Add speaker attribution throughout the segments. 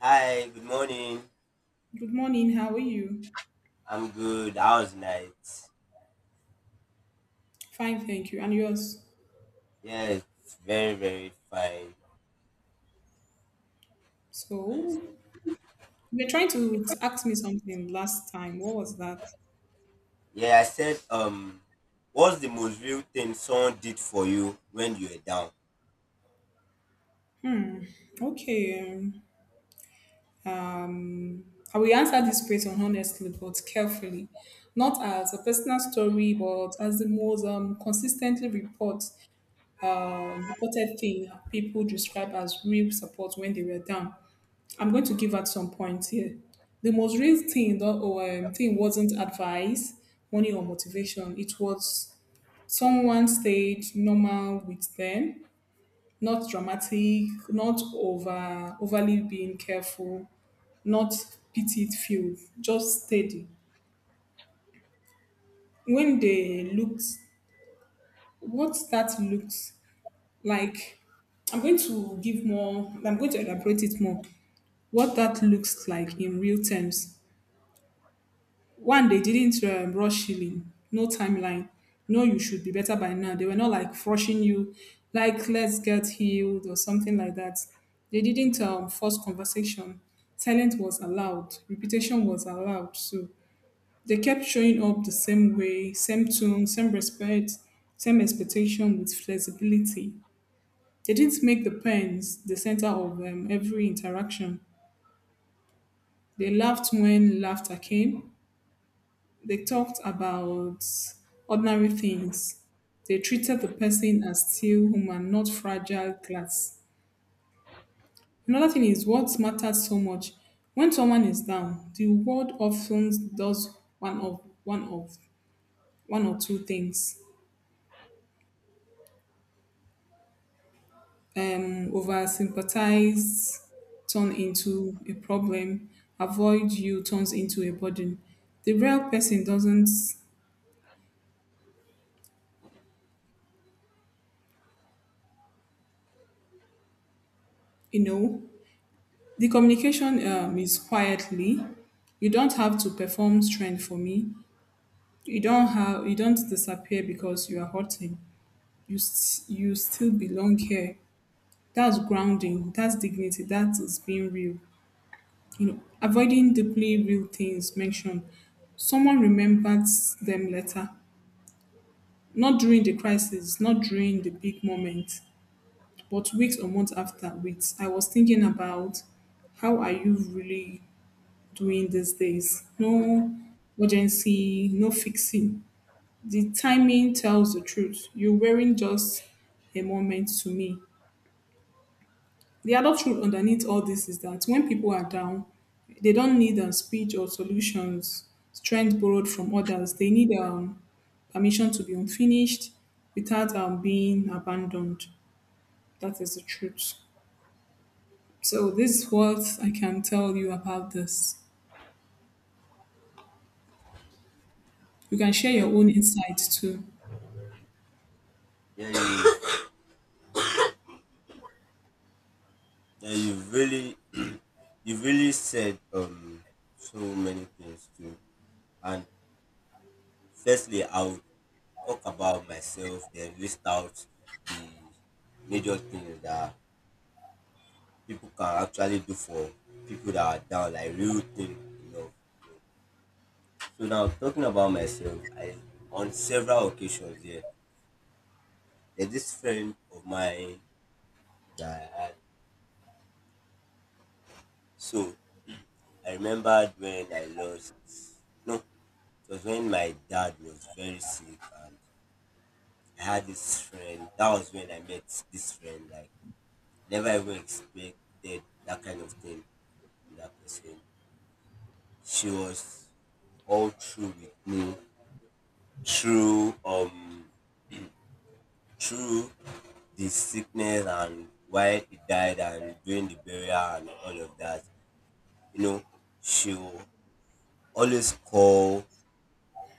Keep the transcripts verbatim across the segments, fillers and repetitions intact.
Speaker 1: Hi, good morning.
Speaker 2: Good morning. How are you?
Speaker 1: I'm good. How's night?
Speaker 2: Fine, thank you. And yours?
Speaker 1: Yeah, it's very, very fine.
Speaker 2: So,
Speaker 1: And
Speaker 2: you were trying to to ask me something last time. What was that?
Speaker 1: yeah, I said, um, what's the most real thing someone did for you when you were down?
Speaker 2: Okay. Um, um, I will answer this question honestly but carefully, not as a personal story, but as the most um, consistently report um, reported thing people describe as real support when they were down. I'm going to give out some points here. The most real thing that or um, thing wasn't advice, money or motivation. It was someone stayed normal with them, not dramatic, not over overly being careful, not pitied few, just steady. When they looked What that looks like, I'm going to give more I'm going to elaborate it more. What that looks like in real terms. One, they didn't um, rush healing, no timeline. No, you should be better by now. They were not like rushing you, like let's get healed or something like that. They didn't um, force conversation. Silence was allowed. Repetition was allowed. So they kept showing up the same way, same tune, same respect, same expectation with flexibility. They didn't make the pens the center of um, every interaction. They laughed when laughter came. They talked about ordinary things. They treated the person as still human, not fragile glass. Another thing is what matters so much. When someone is down, the world often does one of one of one or two things. Um, over sympathize turn into a problem. Avoid you turns into a burden. The real person doesn't, you know, the communication um, is quietly. You don't have to perform strength for me. You don't have you don't disappear because you are hurting. You st- you still belong here. That's grounding. That's dignity. That is being real. You know, avoiding deeply real things mentioned. Someone remembers them later, not during the crisis, not during the big moment, but weeks or months after. With I was thinking about how are you really doing these days. No urgency, no fixing. The timing tells the truth. You're wearing just a moment to me. The other truth underneath all this is that when people are down, they don't need a speech or solutions, strength borrowed from others. They need um, permission to be unfinished without um, being abandoned. That is the truth. So, this is what I can tell you about this. You can share your
Speaker 1: Okay.
Speaker 2: own insights too.
Speaker 1: Yeah, you, yeah, you really, you really said um so many things too. And firstly, I'll talk about myself, then list out the major things that people can actually do for people that are down, like real thing, you know. So now talking about myself, I, on several occasions here, there's this friend of mine that I had. So I remembered when I lost, no, it was when my dad was very sick and I had this friend. That was when I met this friend. Like, never even expected that kind of thing from that person. She was all through with me through um through the sickness and why he died and during the burial and all of that. You know, she will always call.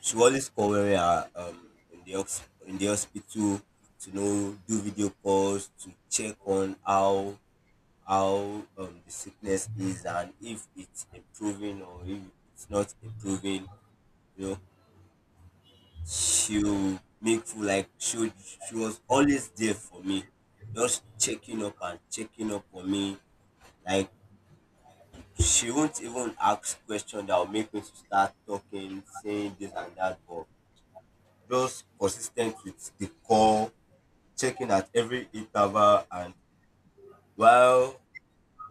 Speaker 1: She will always call when we are um, in the hos- in the hospital, to know, do video calls to check on how how um, the sickness is and if it's improving or if it's not improving. You know, she'll make full, like she she was always there for me, just checking up and checking up on me. Like, she won't even ask questions that will make me to start talking, saying this and that, but just consistent with the call, checking at every interval. And while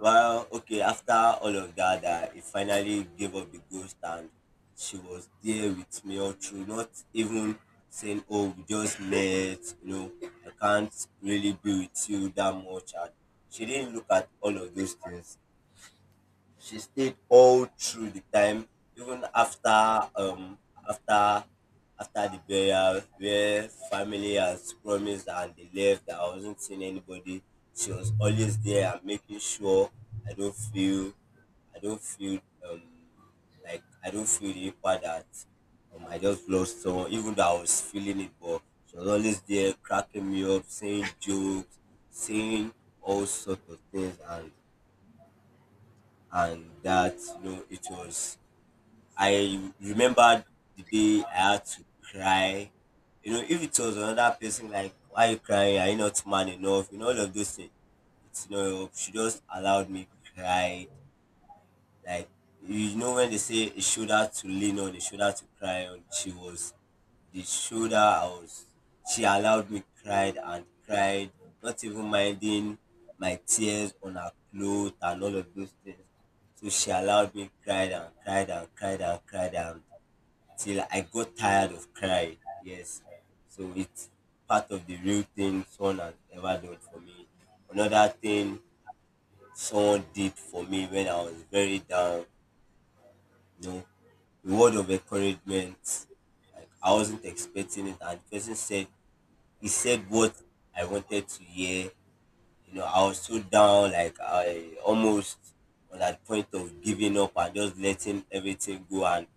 Speaker 1: well, okay, after all of that, that he finally gave up the ghost, and she was there with me all through, not even saying, "Oh, we just met, you know, I can't really be with you that much." And she didn't look at all of those things. She stayed all through the time, even after um after after the burial, where family has promised and they left. I wasn't seeing anybody. She was always there and making sure I don't feel I don't feel um like I don't feel the impact that um I just lost someone, even though I was feeling it, but she was always there cracking me up, saying jokes, saying all sorts of things. And and that, you know, it was, I remembered the day I had to cry. You know, if it was another person, like, "Why are you crying? Are you not man enough?" You know, all of those things. It's, you know, she just allowed me cried, like, you know, when they say a shoulder to lean on, a shoulder to cry on, she was the shoulder I was, she allowed me cried and cried, not even minding my tears on her clothes and all of those things. So she allowed me cried and cried and cried and cried and till I got tired of crying. Yes. So it's part of the real thing someone has ever done for me. Another thing someone did for me when I was very down, you know, a word of encouragement. Like, I wasn't expecting it, and the person said, he said what I wanted to hear. You know, I was so down, like I almost on that point of giving up and just letting everything go. And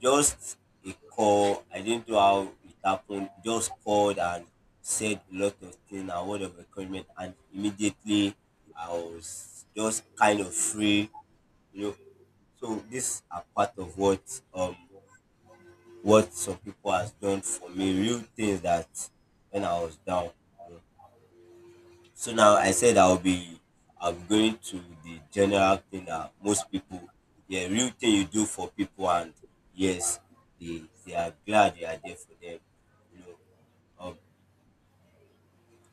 Speaker 1: just a call, I didn't know how it happened. Just called and said a lot of things, a word of encouragement, and immediately I was just kind of free. You know, so these are part of what um what some people has done for me, real things that when I was down. You know. So now I said, I'll be I'm going to the general thing that most people, yeah, real thing you do for people, and yes, they they are glad you are there for them. You know. Um,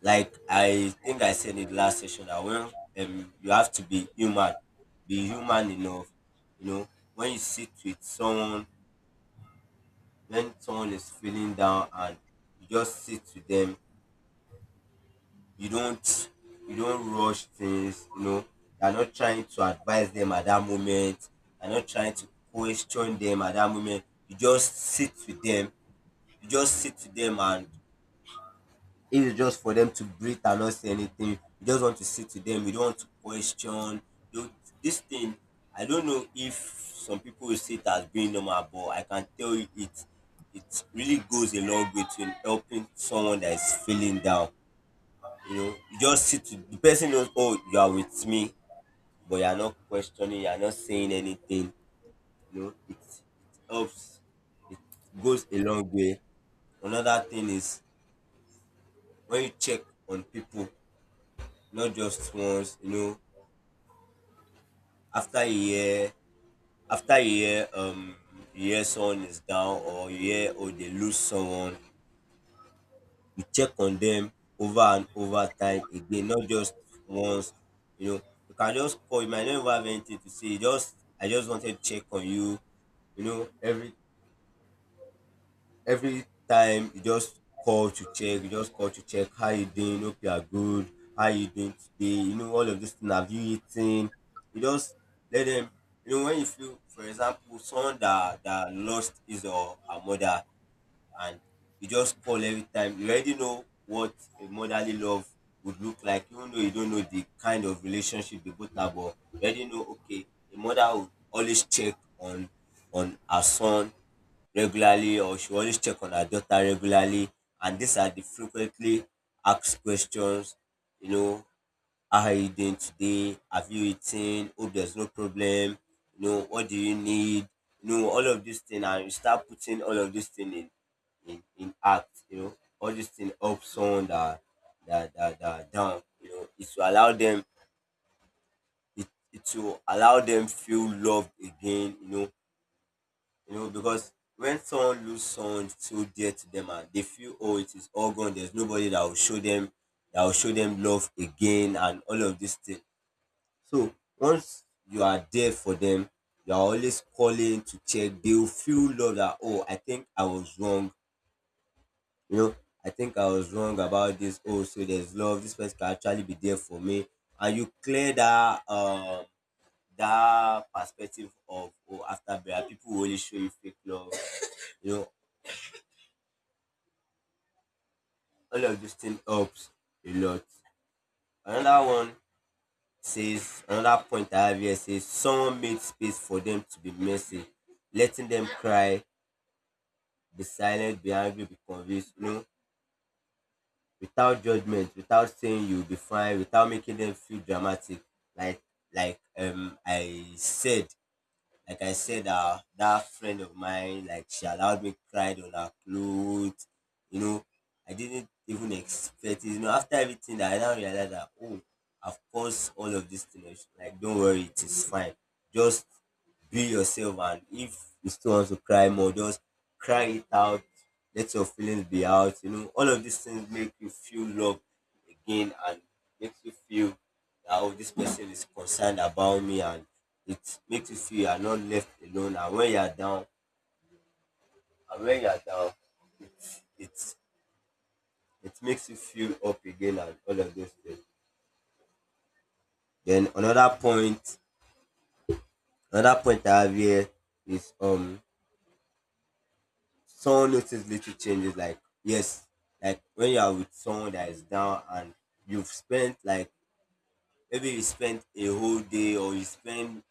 Speaker 1: like, I think I said in the last session that when, um, you have to be human, be human enough. You know, when you sit with someone, when someone is feeling down and you just sit with them, you don't you don't rush things. You know, you're not trying to advise them at that moment, you're not trying to question them at that moment, you just sit with them, you just sit with them. And if it's just for them to breathe and not say anything, you just want to sit with them, you don't want to question. You, this thing, I don't know if some people will see it as being normal, but I can tell you it, it really goes a long way to helping someone that is feeling down. You know, you just sit with the person, knows, oh, you are with me, but you are not questioning, you are not saying anything. You know, it, it helps, it goes a long way. Another thing is, when you check on people, not just once, you know, after a year, after a year, um, you hear someone is down, or you hear, oh, they lose someone, you check on them over and over time again, not just once. You know, you can just call, you might not even have anything to say. Just, "I just wanted to check on you." You know, every every time you just call to check, you just call to check how you doing, hope you are good, how you doing today, you know, all of this thing, have you eaten? You just let them, you know, when you feel, for example, someone that that lost his or her mother, and you just call every time. You already know what a motherly love would look like, even though you don't know the kind of relationship they both have, but you already know, okay, a mother would always check on on her son regularly, or she always check on her daughter regularly, and these are the frequently asked questions. You know, how are you doing today? Have you eaten? Hope there's no problem. You know, what do you need? You know, all of these things, and you start putting all of these things in, in, in act, you know, all these things up someone that that, that that are down, you know, it will allow them, it, it will allow them feel loved again. You know, you know, because when someone lose someone so dear to them and they feel, oh, it is all gone, there's nobody that will show them, that will show them love again, and all of these things. So once you are there for them, you are always calling to check, they will feel love that, oh, I think I was wrong. You know, I think I was wrong about this. Oh, so there's love. This person can actually be there for me. And you clear that um that perspective of, oh, after bear, people will only show you fake love. You know, all of this thing helps a lot. Another one says, another point I have here says, someone made space for them to be messy, letting them cry, be silent, be angry, be convinced, you know, without judgment, without saying "you'll be fine," without making them feel dramatic. Like like um I said, like I said, uh that friend of mine, like, she allowed me cried on her clothes, you know. I didn't even expect it. You know, after everything, that I now realized that, oh, of course, all of this thing. Like, don't worry, it is fine. Just be yourself, and if you still want to cry more, just cry it out, let your feelings be out. You know, all of these things make you feel loved again, and makes you feel that, oh, this person is concerned about me, and it makes you feel you are not left alone. And when you are down, and when you are down, it's, it makes you feel up again, and all of those things. Then another point, another point I have here is, um someone notices little changes, like, yes, like, when you are with someone that is down, and you've spent like, maybe you spent a whole day or you spend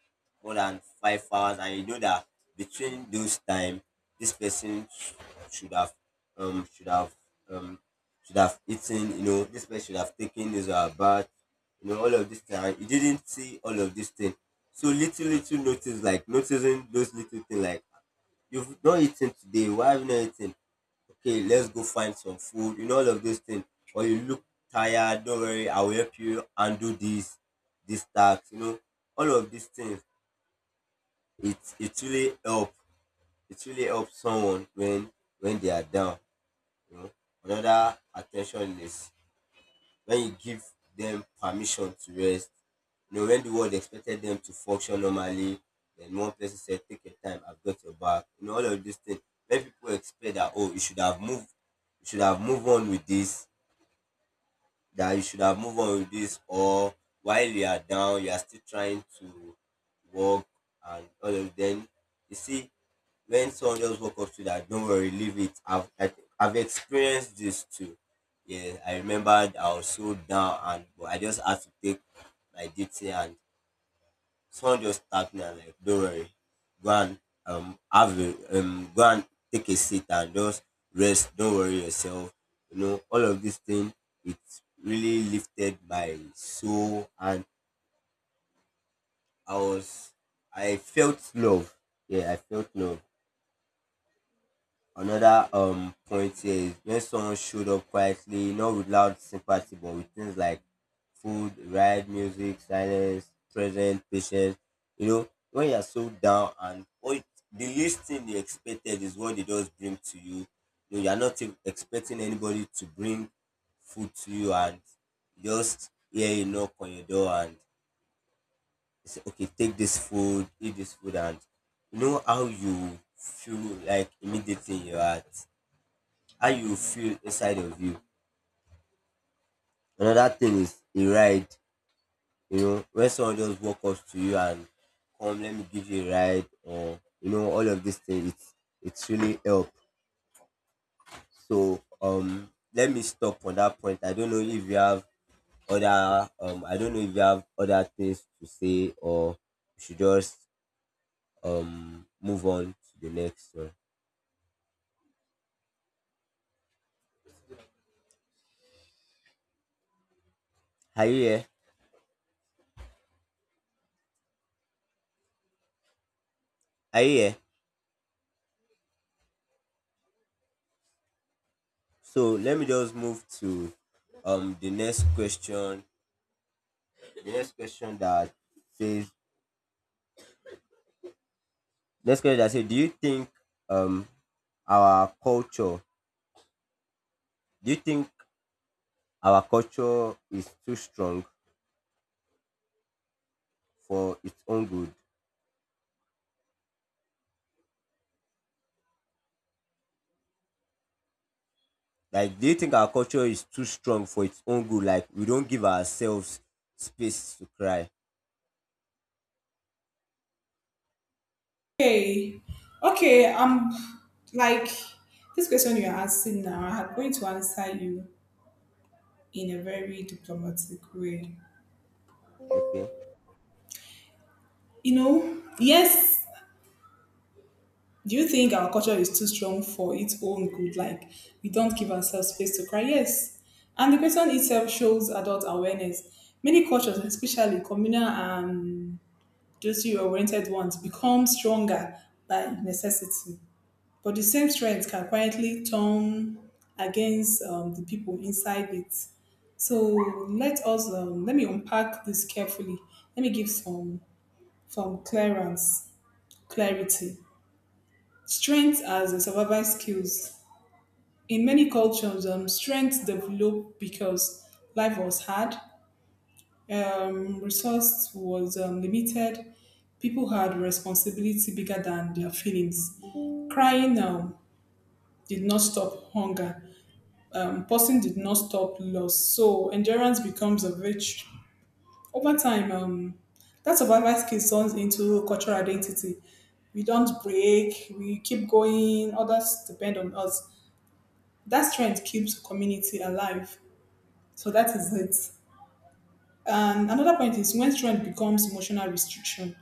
Speaker 1: more than five hours, and you know that between those time, this person sh- should have um should have um should have eaten. You know, this person should have taken his or her bath, you know, all of this time you didn't see all of this thing. So little little notice, like, noticing those little thing, like, you've not eaten today, why have you not eaten? Okay, let's go find some food, you know, all of those things. Or, you look tired, don't worry, I will help you and do this, this task, you know, all of these things. It it really help. It really helps someone when when they are down. You know, another attention is when you give them permission to rest. You know, when the world expected them to function normally, then one person said, "Take your time, I've got your back." You know, all of these things. When people expect that, oh, you should have moved, you should have moved on with this, that you should have moved on with this, or while you are down you are still trying to work and all of them. You see, when someone just walk up to you that don't worry, leave it, i've I, i've experienced this too. Yeah, I remembered I was so down and but I just had to take my duty, and someone just tapped me and like, don't worry, go and um have a um go and take a seat and just rest. Don't worry yourself. You know, all of this thing it really lifted my soul and I was I felt love. Yeah, I felt love. Another um point here is when someone showed up quietly, not with loud sympathy, but with things like food, ride, music, silence, present, patience. You know, when you're so down and all it- the least thing they expected is what they just bring to you. You know, you're not e- expecting anybody to bring food to you and just hear a knock on your door and they say, okay, take this food, eat this food, and you know how you feel like immediately in your heart. How you go feel inside of you. Another thing is a ride, you know, when someone just walk up to you and come let me give you a ride, or you know, all of these things, it's it's really help. So um let me stop on that point. I don't know if you have other um I don't know if you have other things to say, or we should just um move on to the next one. Are you here? Are you here? So let me just move to um the next question, the next question that says next question that says, do you think um our culture do you think our culture is too strong for its own good, like do you think our culture is too strong for its own good, like we don't give ourselves space to cry?
Speaker 2: Okay, okay, um, like this question you're asking now, I'm going to answer you in a very diplomatic way.
Speaker 1: Okay.
Speaker 2: You know, yes, do you think our culture is too strong for its own good? Like, we don't give ourselves space to cry? Yes. And the question itself shows adult awareness. Many cultures, especially communal and those oriented ones, become stronger by necessity. But the same strength can quietly turn against um, the people inside it. So let us um, let me unpack this carefully. Let me give some some clearance clarity. Strength as a survival skills. In many cultures, um, strength developed because life was hard, um, resource was um, limited, people had responsibility bigger than their feelings. Crying um, did not stop hunger, um, person did not stop loss. So endurance becomes a virtue. Over time, um, that survival skill turns into cultural identity. We don't break, we keep going, others depend on us. That strength keeps community alive. So that is it. And another point is when strength becomes emotional restriction.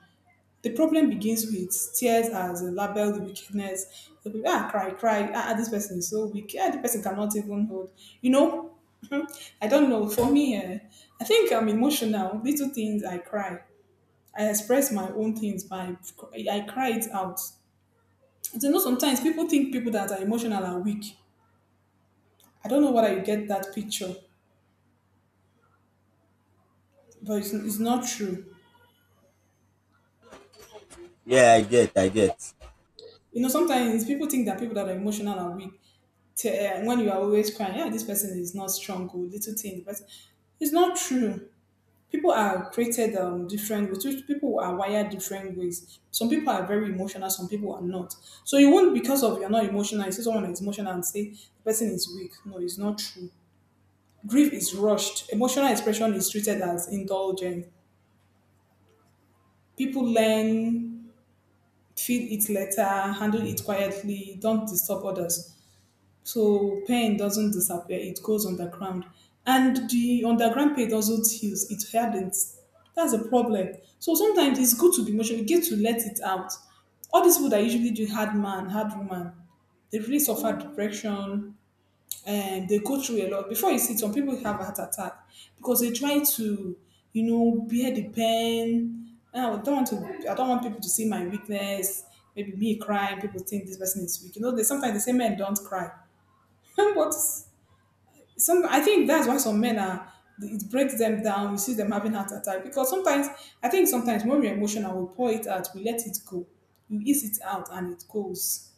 Speaker 2: The problem begins with tears as a labeled wickedness. So people ah cry, cry, ah ah, this person is so weak. Ah, the person cannot even hold. You know, I don't know. For me, eh, I think I'm emotional. Little things I cry. I express my own things by I cry it out. You know, sometimes people think people that are emotional are weak. I don't know whether you get that picture, but it's, it's not true.
Speaker 1: Yeah, I get, I get.
Speaker 2: You know, sometimes people think that people that are emotional are weak. T- uh, when you are always crying, yeah, this person is not strong or little thing. But it's not true. People are created um, different ways. Which People are wired different ways. Some people are very emotional. Some people are not. So you won't because of you're not emotional. You see someone is emotional and say the person is weak. No, it's not true. Grief is rushed. Emotional expression is treated as indulgent. People learn, feel it later, handle it quietly, don't disturb others. So pain doesn't disappear, it goes underground. And the underground pain doesn't heal, it hardens. That's a problem. So sometimes it's good to be emotional, you get to let it out. All these people that usually do hard man, hard woman, they really suffer depression and they go through a lot. Before you see it, some people have a heart attack because they try to, you know, bear the pain. "Ah, I don't want to I don't want people to see my weakness, maybe me crying, people think this person is weak. You know, they sometimes they say men don't cry but some I think that's why some men are it breaks them down. We see them having heart attack because sometimes I think sometimes when we're emotional, we pour it out, we let it go, we ease it out, and it goes.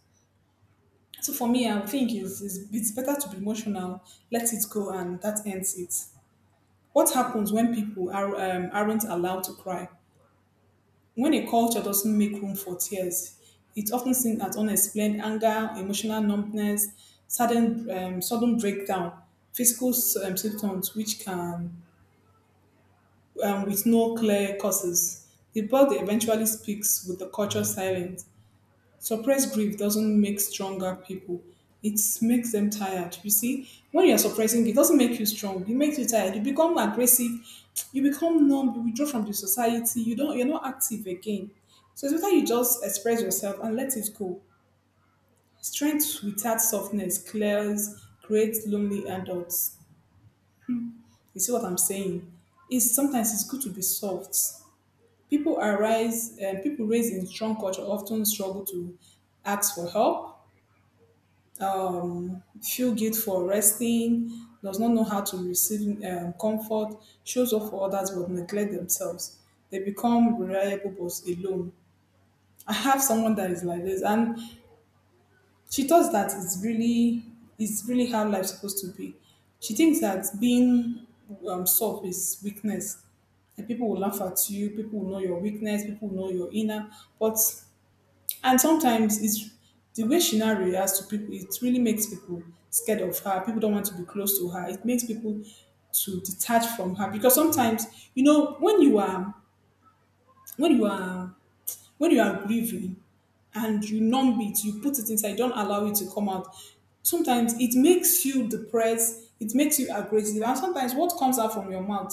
Speaker 2: So for me, I think it's, it's, it's better to be emotional, let it go, and that ends it. What happens when people are um, aren't allowed to cry? When a culture doesn't make room for tears, it often sings at unexplained anger, emotional numbness, sudden, um, sudden breakdown, physical um, symptoms which can, um, with no clear causes. The body eventually speaks with the culture silent. Suppressed grief doesn't make stronger people. It makes them tired. You see, when you're suppressing, it doesn't make you strong. It makes you tired. You become aggressive. You become numb. You withdraw from the society. You don't. You're not active again. So it's better you just express yourself and let it go. Strength without softness clears, creates lonely adults. You see what I'm saying? It's sometimes it's good to be soft. People arise, and people raised in strong culture often struggle to ask for help, um, feel guilt for resting, does not know how to receive um, comfort, shows up for others but neglect themselves. They become reliable but alone. I have someone that is like this, and she thought that it's really, it's really how life's supposed to be. She thinks that being um, soft is weakness, and people will laugh at you, people will know your weakness, people will know your inner, but and sometimes it's the way she now reacts to people, it really makes people scared of her. People don't want to be close to her. It makes people to detach from her because sometimes, you know, when you are when you are when you are grieving and you numb it, you put it inside, don't allow it to come out. Sometimes it makes you depressed, it makes you aggressive, and sometimes what comes out from your mouth,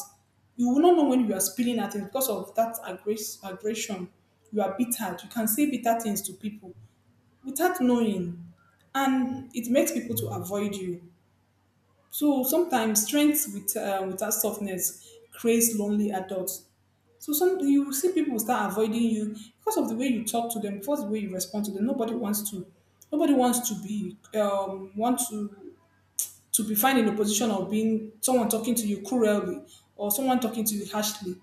Speaker 2: you will not know when you are spilling at it because of that aggress- aggression. You are bitter. You can say bitter things to people without knowing and it makes people to avoid you. So sometimes strength with uh, without softness creates lonely adults. So some you will see people start avoiding you because of the way you talk to them because of the way you respond to them. Nobody wants to nobody wants to be um want to to be found in a position of being someone talking to you cruelly or someone talking to you harshly.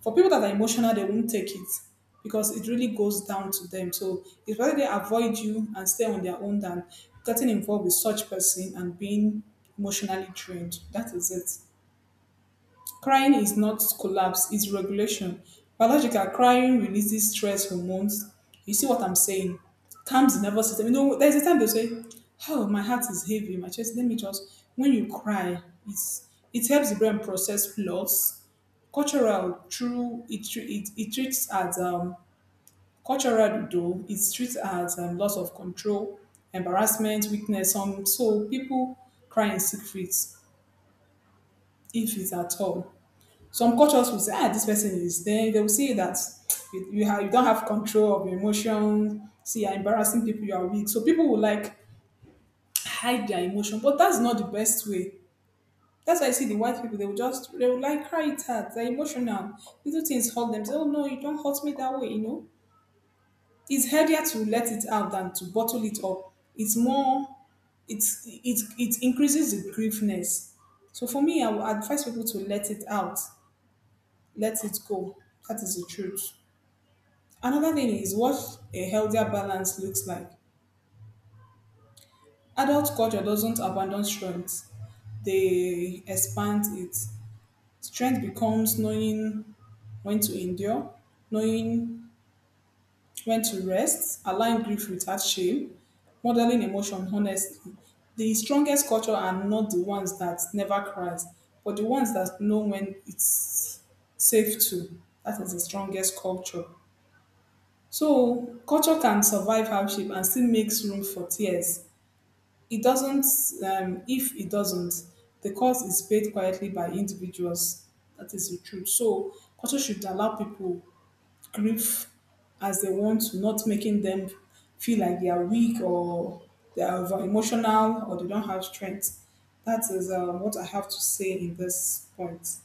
Speaker 2: For people that are emotional, they won't take it because it really goes down to them. So it's rather they avoid you and stay on their own than getting involved with such person and being emotionally drained. That is it. Crying is not collapse, it's regulation. Biological crying releases stress hormones. You see what I'm saying? Calms the nervous system. You know, there's a time they say, oh, my heart is heavy, my chest, let me just when you cry, it's it helps the brain process loss. Cultural true, it tre- it, it treats as um Cultural though it treats as um, loss of control, embarrassment, weakness. Some so people cry in secret if it's at all. Some cultures will say, ah, this person is there. They will say that you, you, have, you don't have control of your emotions. See, you're embarrassing people, you are weak. So people will like hide their emotion, but that's not the best way. That's why I see the white people, they will just, they will like cry it out. They're emotional. Little things hurt them. Say, oh no, you don't hurt me that way, you know? It's healthier to let it out than to bottle it up. It's more, it's it it increases the griefness. So for me, I would advise people to let it out, let it go. That is the truth. Another thing is what a healthier balance looks like. Adult culture doesn't abandon strength; they expand it. Strength becomes knowing when to endure, knowing when to rest, align grief without shame, modeling emotion honestly. The strongest culture are not the ones that never cries, but the ones that know when it's safe to. That is the strongest culture. So culture can survive hardship and still makes room for tears. It doesn't. Um, if it doesn't, the cost is paid quietly by individuals. That is the truth. So culture should allow people grief as they want to, not making them feel like they are weak or they are over emotional or they don't have strength. That is um, what I have to say in this point.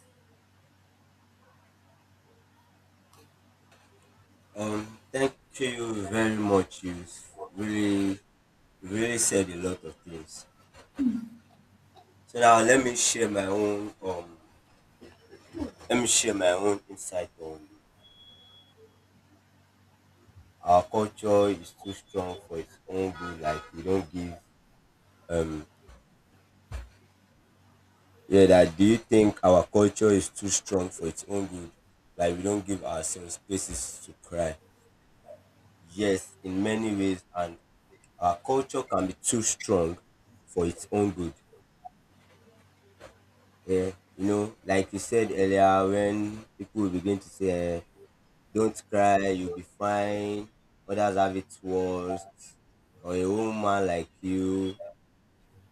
Speaker 1: um Thank you very much. You really really said a lot of things. So now let me share my own um let me share my own insight on our culture is too strong for its own good. Like we don't give um yeah, that, do you think our culture is too strong for its own good? Like we don't give ourselves spaces to cry. Yes, in many ways, and our culture can be too strong for its own good. Yeah. You know, like you said earlier, when people begin to say, eh, don't cry, you'll be fine, others have it worse, or a woman like you,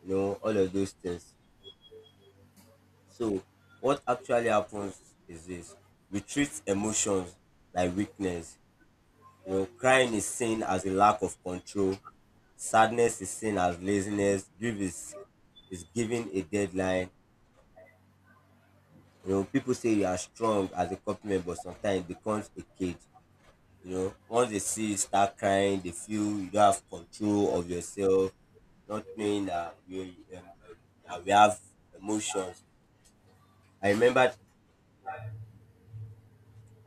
Speaker 1: you know, all of those things. So, what actually happens is this: we treat emotions like weakness. You know, crying is seen as a lack of control, sadness is seen as laziness, grief is, is given a deadline. You know, people say you are strong as a compliment, but sometimes it becomes a cage. You know, once they see you start crying, they feel you don't have control of yourself, not knowing that we, um, um, that we have emotions. I remember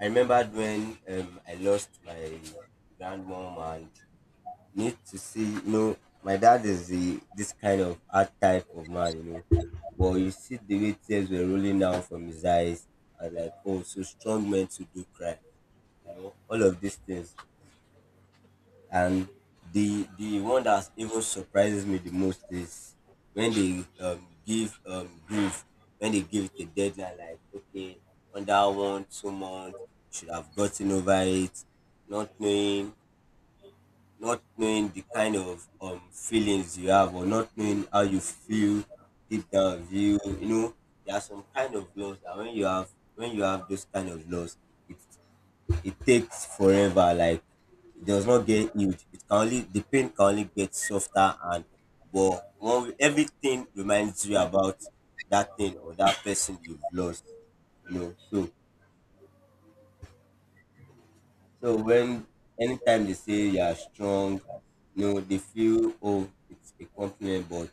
Speaker 1: I remembered when um, I lost my grandmom, and need to see, you know, my dad is the this kind of hard type of man, you know. But you see the way tears were rolling down from his eyes. I was like, oh, so strong men to do cry, you know, all of these things. And the the one that even surprises me the most is when they um, give um, grief, when they give it a deadline, like, okay, under one two months should have gotten over it, not knowing, not knowing the kind of um feelings you have, or not knowing how you feel deep down of you, you know. There are some kind of loss that when you have when you have those kind of loss, it it takes forever. Like, it does not get healed. It can only, the pain can only get softer, and but one, everything reminds you about that thing or that person you've lost. You know, so. So when anytime they say you are strong, you know, they feel, oh, it's a compliment, but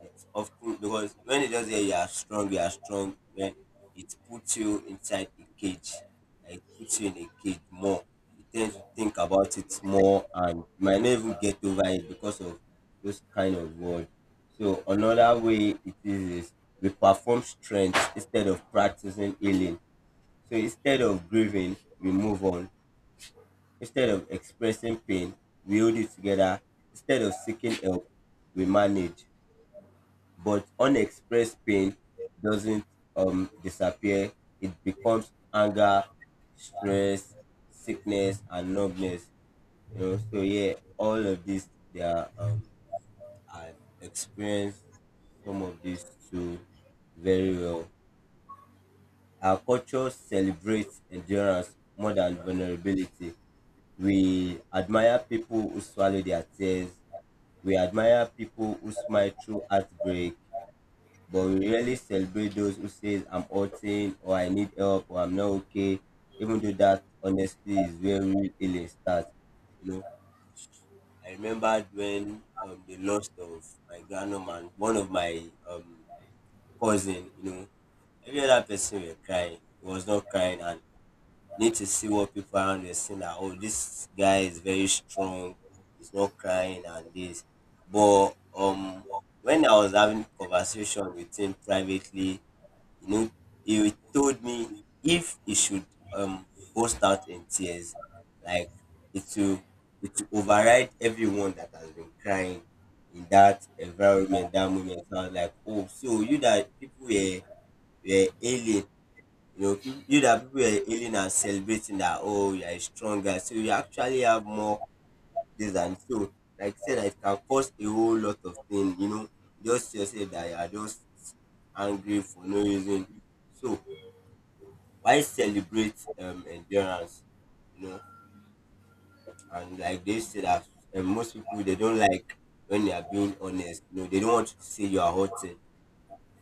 Speaker 1: it's often because, when they just say you are strong, you are strong, when it puts you inside a cage, like it puts you in a cage more. You tend to think about it more, and you might not even get over it because of those kind of words. So another way it is is we perform strength instead of practicing healing. So instead of grieving, we move on. Instead of expressing pain, we hold it together. Instead of seeking help, we manage. But unexpressed pain doesn't um, disappear, it becomes anger, stress, sickness, and numbness. You know, so yeah, all of this, they are, um, I've experienced some of these too very well. Our culture celebrates endurance more than vulnerability. We admire people who swallow their tears. We admire people who smile through heartbreak. But we rarely celebrate those who say, I'm hurting, or I need help, or I'm not okay. Even though that honestly is where real healing starts. You know, I remembered when um, the loss of my grandmama and one of my um, cousin, you know, every other person were crying. He was not crying, and need to see what people around you see that, oh, this guy is very strong, he's not crying and this. But um when I was having conversation with him privately, you know, he told me if he should um burst out in tears, like, it will it will override everyone that has been crying in that environment, that moment. So I was like, oh, so you that people were were ailing, you know, peop- you that people are hailing and celebrating that, oh, you are stronger, so you actually have more this. And so, like I said, that it can cause a whole lot of things. You know, just yourself that you are just angry for no reason. So why celebrate um endurance? You know, and like they say that, um, most people they don't like when they are being honest. You know, they don't want you to say you are hurting.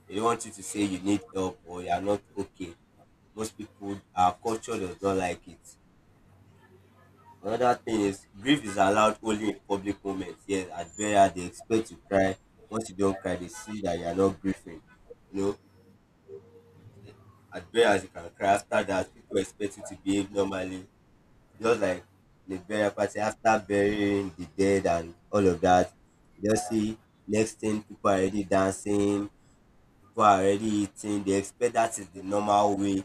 Speaker 1: They don't want you to say you need help or you are not okay. Most people, our culture does not like it. Another thing is grief is allowed only in public moments. Yes, at burial they expect you cry. Once you don't cry, they see that you are not grieving. You know, at burials you can cry. After that, people expect you to behave normally, just like the burial party. After burying the dead and all of that, you just see next thing people are already dancing, people are already eating. They expect that is the normal way,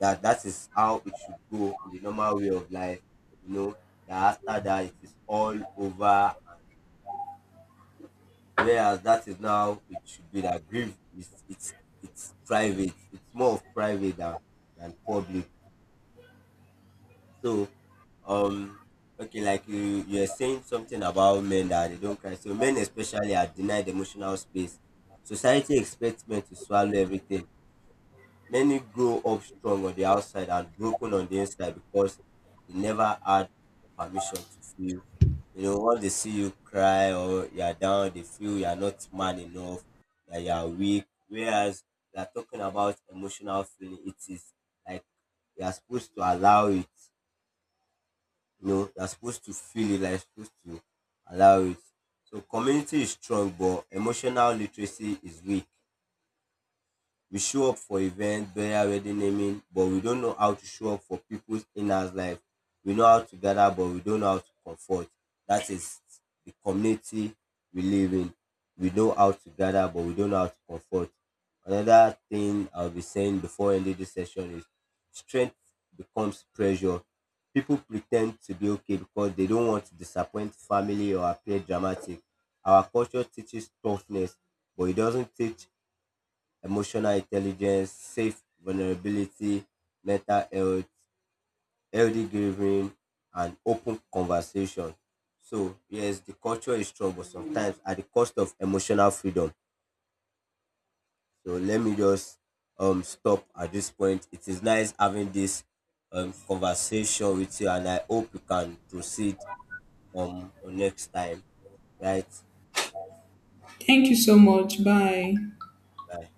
Speaker 1: that that is how it should go in the normal way of life, you know, that after that it is all over. And whereas that is now, it should be that grief is, it's it's private, it's more of private than than public. So um okay, like you, you're saying something about men that they don't cry, so men especially are denied emotional space. Society expects men to swallow everything. Many grow up strong on the outside and broken on the inside because they never had permission to feel. You know, once they see you cry or you're down, they feel you're not man enough, that you're weak. Whereas we are talking about emotional feeling, it is like you're supposed to allow it. You know, you're supposed to feel it, like you're supposed to allow it. So community is strong, but emotional literacy is weak. We show up for events, burial, wedding, naming, but we don't know how to show up for people's inner life. We know how to gather, but we don't know how to comfort. That is the community we live in. We know how to gather, but we don't know how to comfort. Another thing I'll be saying before ending this session is strength becomes pressure. People pretend to be okay because they don't want to disappoint family or appear dramatic. Our culture teaches toughness, but it doesn't teach emotional intelligence, safe vulnerability, mental health, healthy grieving, and open conversation. So, yes, the culture is strong, but sometimes at the cost of emotional freedom. So, let me just um stop at this point. It is nice having this um conversation with you, and I hope you can proceed um next time. Right?
Speaker 2: Thank you so much. Bye.
Speaker 1: Bye.